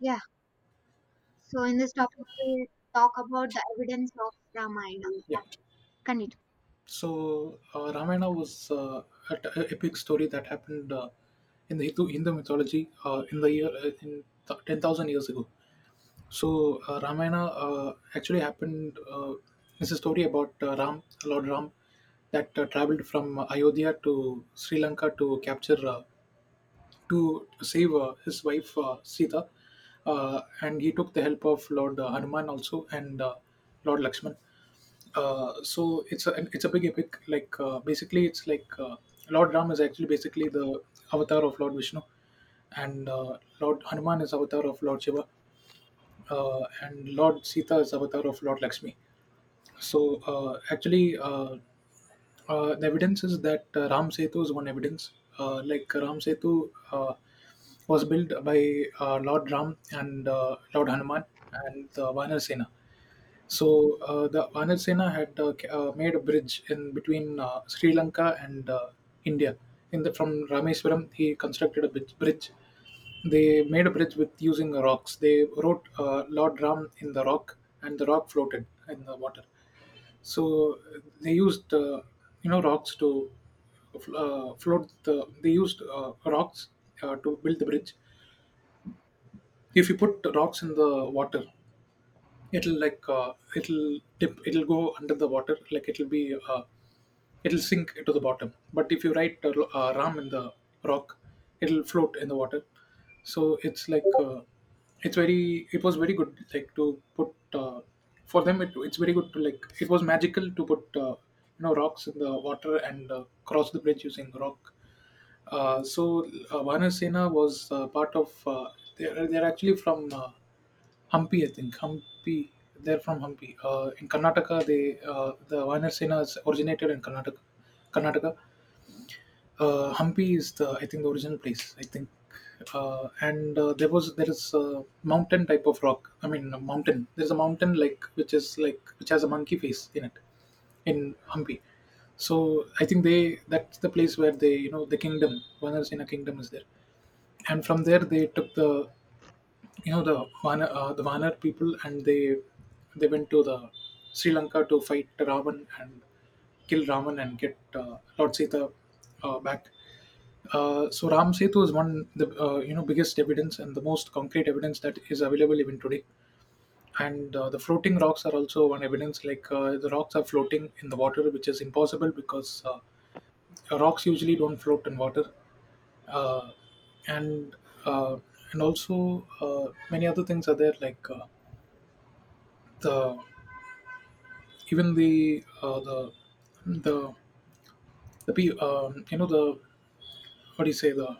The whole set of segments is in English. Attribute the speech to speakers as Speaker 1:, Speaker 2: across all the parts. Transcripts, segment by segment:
Speaker 1: Yeah. So in this topic, we'll talk about the evidence of Ramayana.
Speaker 2: Yeah.
Speaker 1: Continue.
Speaker 2: Ramayana was an epic story that happened in the Hindu mythology in the year, 10,000 years ago. Ramayana actually happened. It's a story about Lord Ram, that traveled from Ayodhya to Sri Lanka to capture to save his wife Sita, and he took the help of Lord Hanuman also and Lord Lakshman. So it's a big epic. Basically, it's like Lord Ram is actually basically the avatar of Lord Vishnu, and Lord Hanuman is avatar of Lord Shiva, and Lord Sita is avatar of Lord Lakshmi. So actually, the evidence is that Ram Setu is one evidence. Like Ram Setu was built by Lord Ram and Lord Hanuman and the Vanar Sena. The Anil Sena had made a bridge in between Sri Lanka and India. In the from Rameswaram, he constructed a bridge. They made a bridge with using rocks. They wrote Lord Ram in the rock, and the rock floated in the water. So they used rocks to float the. They used rocks to build the bridge. If you put rocks in the water, it'll it'll dip, it'll go under the water, like it'll it'll sink to the bottom. But if you write Ram in the rock, it'll float in the water. So it's like, it was very good, like to put, for them, it, it's very good to like, it was magical to put rocks in the water and cross the bridge using rock. Uh, so Vanasena was they're actually from Hampi, I think. Hampi. They're from Hampi. In Karnataka, the Vanasena is originated in Karnataka. Karnataka, Hampi is the I think the original place. I think, and there was there is a mountain type of rock. I mean, a mountain. There's a mountain like which is like which has a monkey face in it, in Hampi. So I think they that's the place where they you know the kingdom. One is in a kingdom is there, and from there they took the you know the the Vanar people, and they went to the Sri Lanka to fight Ravan and kill Ravan and get Lord Sita back. So Ram Setu is one the biggest evidence and the most concrete evidence that is available even today. And the floating rocks are also one evidence. The rocks are floating in the water, which is impossible because rocks usually don't float in water, uh, and uh, and also many other things are there like the even the the pe- you know the what do you say the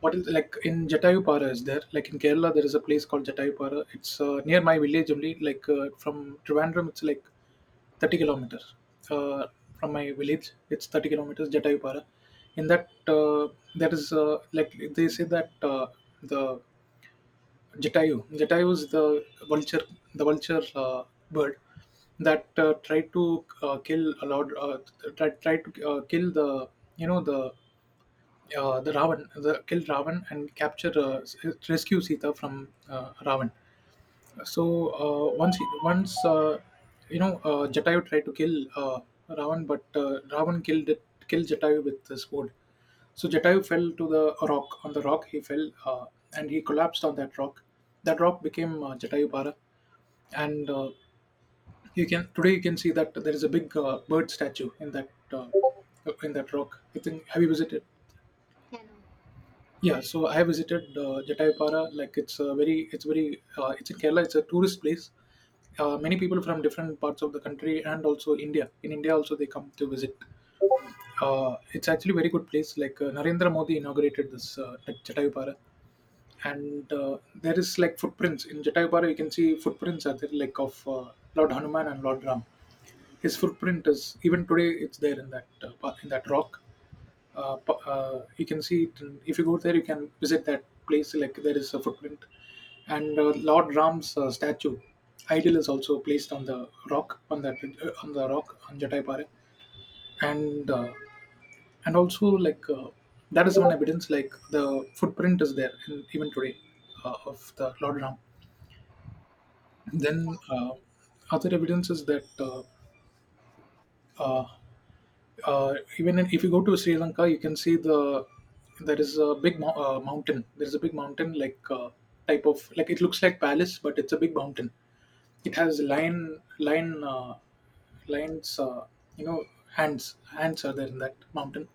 Speaker 2: what is like in Jatayupara is there, like in Kerala there is a place called Jatayupara. It's near my village only, like from Trivandrum it's like 30 kilometers, uh, from my village it's 30 kilometers Jatayupara. In that There is like they say that the Jatayu. Jatayu is the vulture bird that tried to kill a lot. Tried to kill the you know the Ravan, the kill Ravan and rescue Sita from Ravan. So once he- once you know Jatayu tried to kill Ravan, but Ravan killed it, killed Jatayu with his sword. So Jatayu fell to the rock. On the rock, he fell and he collapsed on that rock. That rock became Jatayu Para, and you can today you can see that there is a big bird statue in that rock. I think have you visited?
Speaker 1: Yeah. No.
Speaker 2: Yeah, so I visited Jatayapara. Like it's a very, it's very, It's in Kerala. It's a tourist place, many people from different parts of the country and also India. In India, also they come to visit. It's actually a very good place. Narendra Modi inaugurated this at Jatayupara, and there is like footprints in Jatayupara. You can see footprints are there, like of Lord Hanuman and Lord Ram. His footprint is even today. It's there in that in that rock, you can see it if you go there you can visit that place, like there is a footprint and Lord Ram's statue idol is also placed on the rock on that on the rock on Jatai, and uh, and also that is one evidence, like the footprint is there in, even today of the Lord Ram. Then uh, other evidence is that uh, even if you go to Sri Lanka, you can see there is a big mountain. There is a big mountain, type of like it looks like palace, but it's a big mountain. It has lion lion lions you know hands are there in that mountain,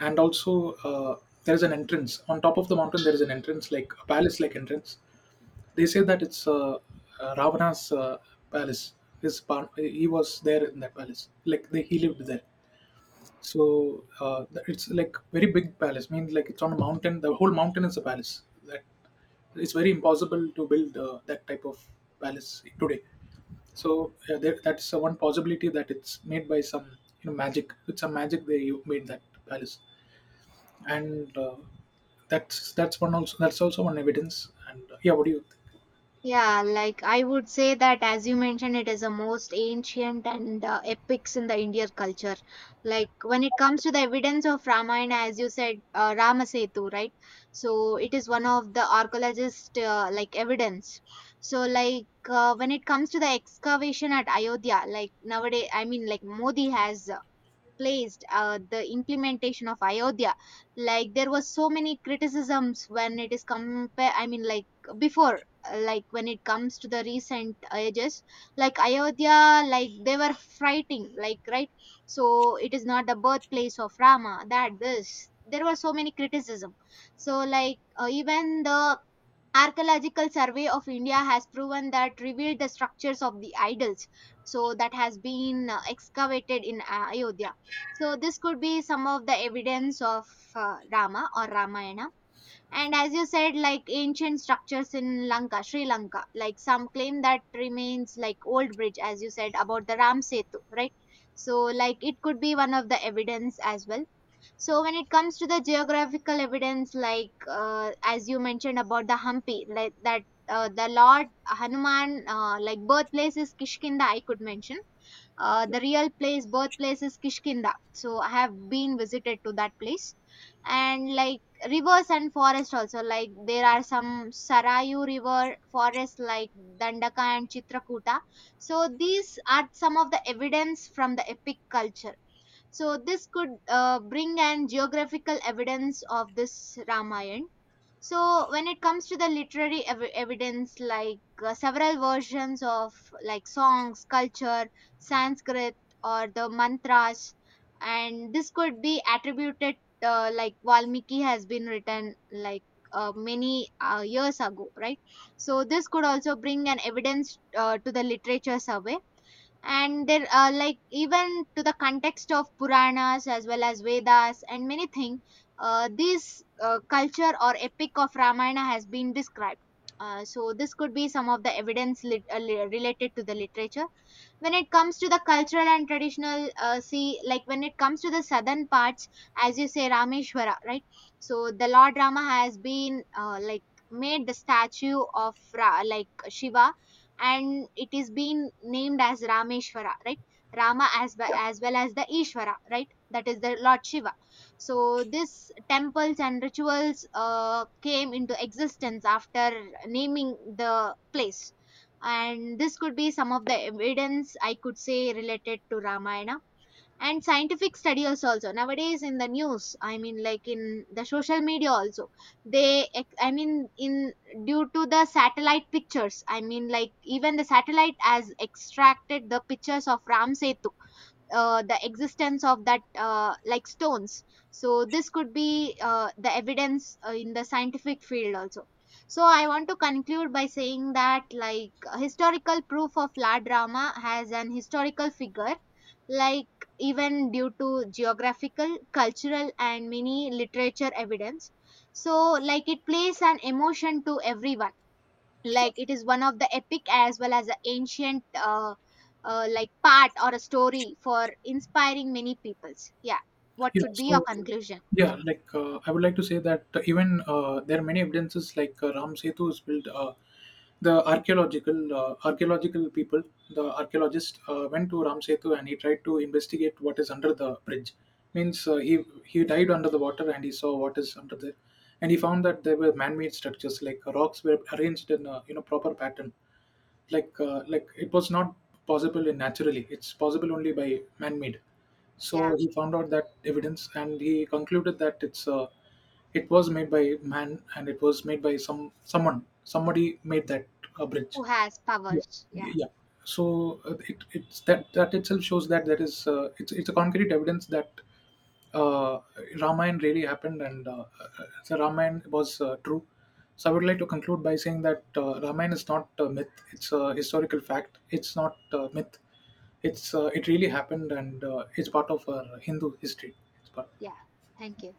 Speaker 2: and also there is an entrance on top of the mountain. There is an entrance like a palace like entrance. They say that it's Ravana's palace. He was there in that palace. Like they, he lived there, so it's like very big palace. Means like it's on a mountain. The whole mountain is a palace. That it's very impossible to build that type of palace today. So there, that's one possibility that it's made by some magic. With some magic they made that palace, and that's one also that's also one evidence. And yeah, what do you? Think?
Speaker 1: Yeah, like I would say that as you mentioned, it is the most ancient and epics in the Indian culture. Like when it comes to the evidence of Ramayana, as you said, Ramasetu, right? So it is one of the archaeologist like evidence. So like when it comes to the excavation at Ayodhya, like nowadays, I mean, like Modi has placed the implementation of Ayodhya. Like there was so many criticisms when it is compare. I mean, like before, like when it comes to the recent ages, like Ayodhya, like they were fighting, like, right? So it is not the birthplace of Rama. That this, there were so many criticism. So like, even the archaeological survey of India has proven that, revealed the structures of the idols. So that has been excavated in Ayodhya. So this could be some of the evidence of Rama or Ramayana. And as you said, like ancient structures in Lanka, Sri Lanka, like some claim that remains like old bridge, as you said about the Ram Setu, right? So like it could be one of the evidence as well. So when it comes to the geographical evidence, like as you mentioned about the Hampi, like that the Lord Hanuman, like birthplace is Kishkinda, I could mention. The real place, birthplace is Kishkinda. So I have been visited to that place, and like rivers and forest also. Like there are some Sarayu river forest like Dandaka and Chitrakuta. So these are some of the evidence from the epic culture, so this could bring an geographical evidence of this Ramayana. So when it comes to the literary evidence, like several versions of like songs, culture, Sanskrit, or the mantras, and this could be attributed, like Valmiki has been written like many years ago, right? So this could also bring an evidence to the literature survey. And there are like even to the context of Puranas as well as Vedas and many things, this culture or epic of Ramayana has been described. So this could be some of the evidence related to the literature. When it comes to the cultural and traditional see, like when it comes to the southern parts, as you say Rameshwara, right? So the Lord Rama has been like made the statue of like Shiva, and it is being named as Rameshwara, right? Rama as well as, well as the Ishvara, right? That is the Lord Shiva. So this temples and rituals came into existence after naming the place. And this could be some of the evidence I could say related to Ramayana. And scientific studies also, nowadays in the news, I mean, like in the social media also, they I mean, in due to the satellite pictures, I mean, like even the satellite has extracted the pictures of Ram Setu, the existence of that like stones. So this could be the evidence in the scientific field also. So I want to conclude by saying that, like, historical proof of La Drama has an historical figure, like even due to geographical, cultural and many literature evidence. So like it plays an emotion to everyone. Like it is one of the epic as well as the ancient, like part or a story for inspiring many peoples. Yeah. What
Speaker 2: Yeah,
Speaker 1: could be your
Speaker 2: so
Speaker 1: conclusion?
Speaker 2: yeah,
Speaker 1: Yeah.
Speaker 2: I would like to say that even there are many evidences like Ram Setu is built. The archaeological people, the archaeologist went to Ram Setu and he tried to investigate what is under the bridge. Means he dived under the water and he saw what is under there, and he found that there were man-made structures, like rocks were arranged in a proper pattern, like it was not possible in naturally. It's possible only by man-made. So
Speaker 1: Yeah.
Speaker 2: he found out that evidence and he concluded that it was made by man and it was made by someone, somebody made that bridge.
Speaker 1: Who has
Speaker 2: Yeah.
Speaker 1: powers? Yeah.
Speaker 2: Yeah. So it's that, that itself shows that there is it's a concrete evidence that uh, Ramayana really happened, and the Ramayana was true. So I would like to conclude by saying that Ramayana is not a myth; it's a historical fact. It's not a myth. It's it really happened, and it's part of our Hindu history. It's part.
Speaker 1: Yeah, thank you.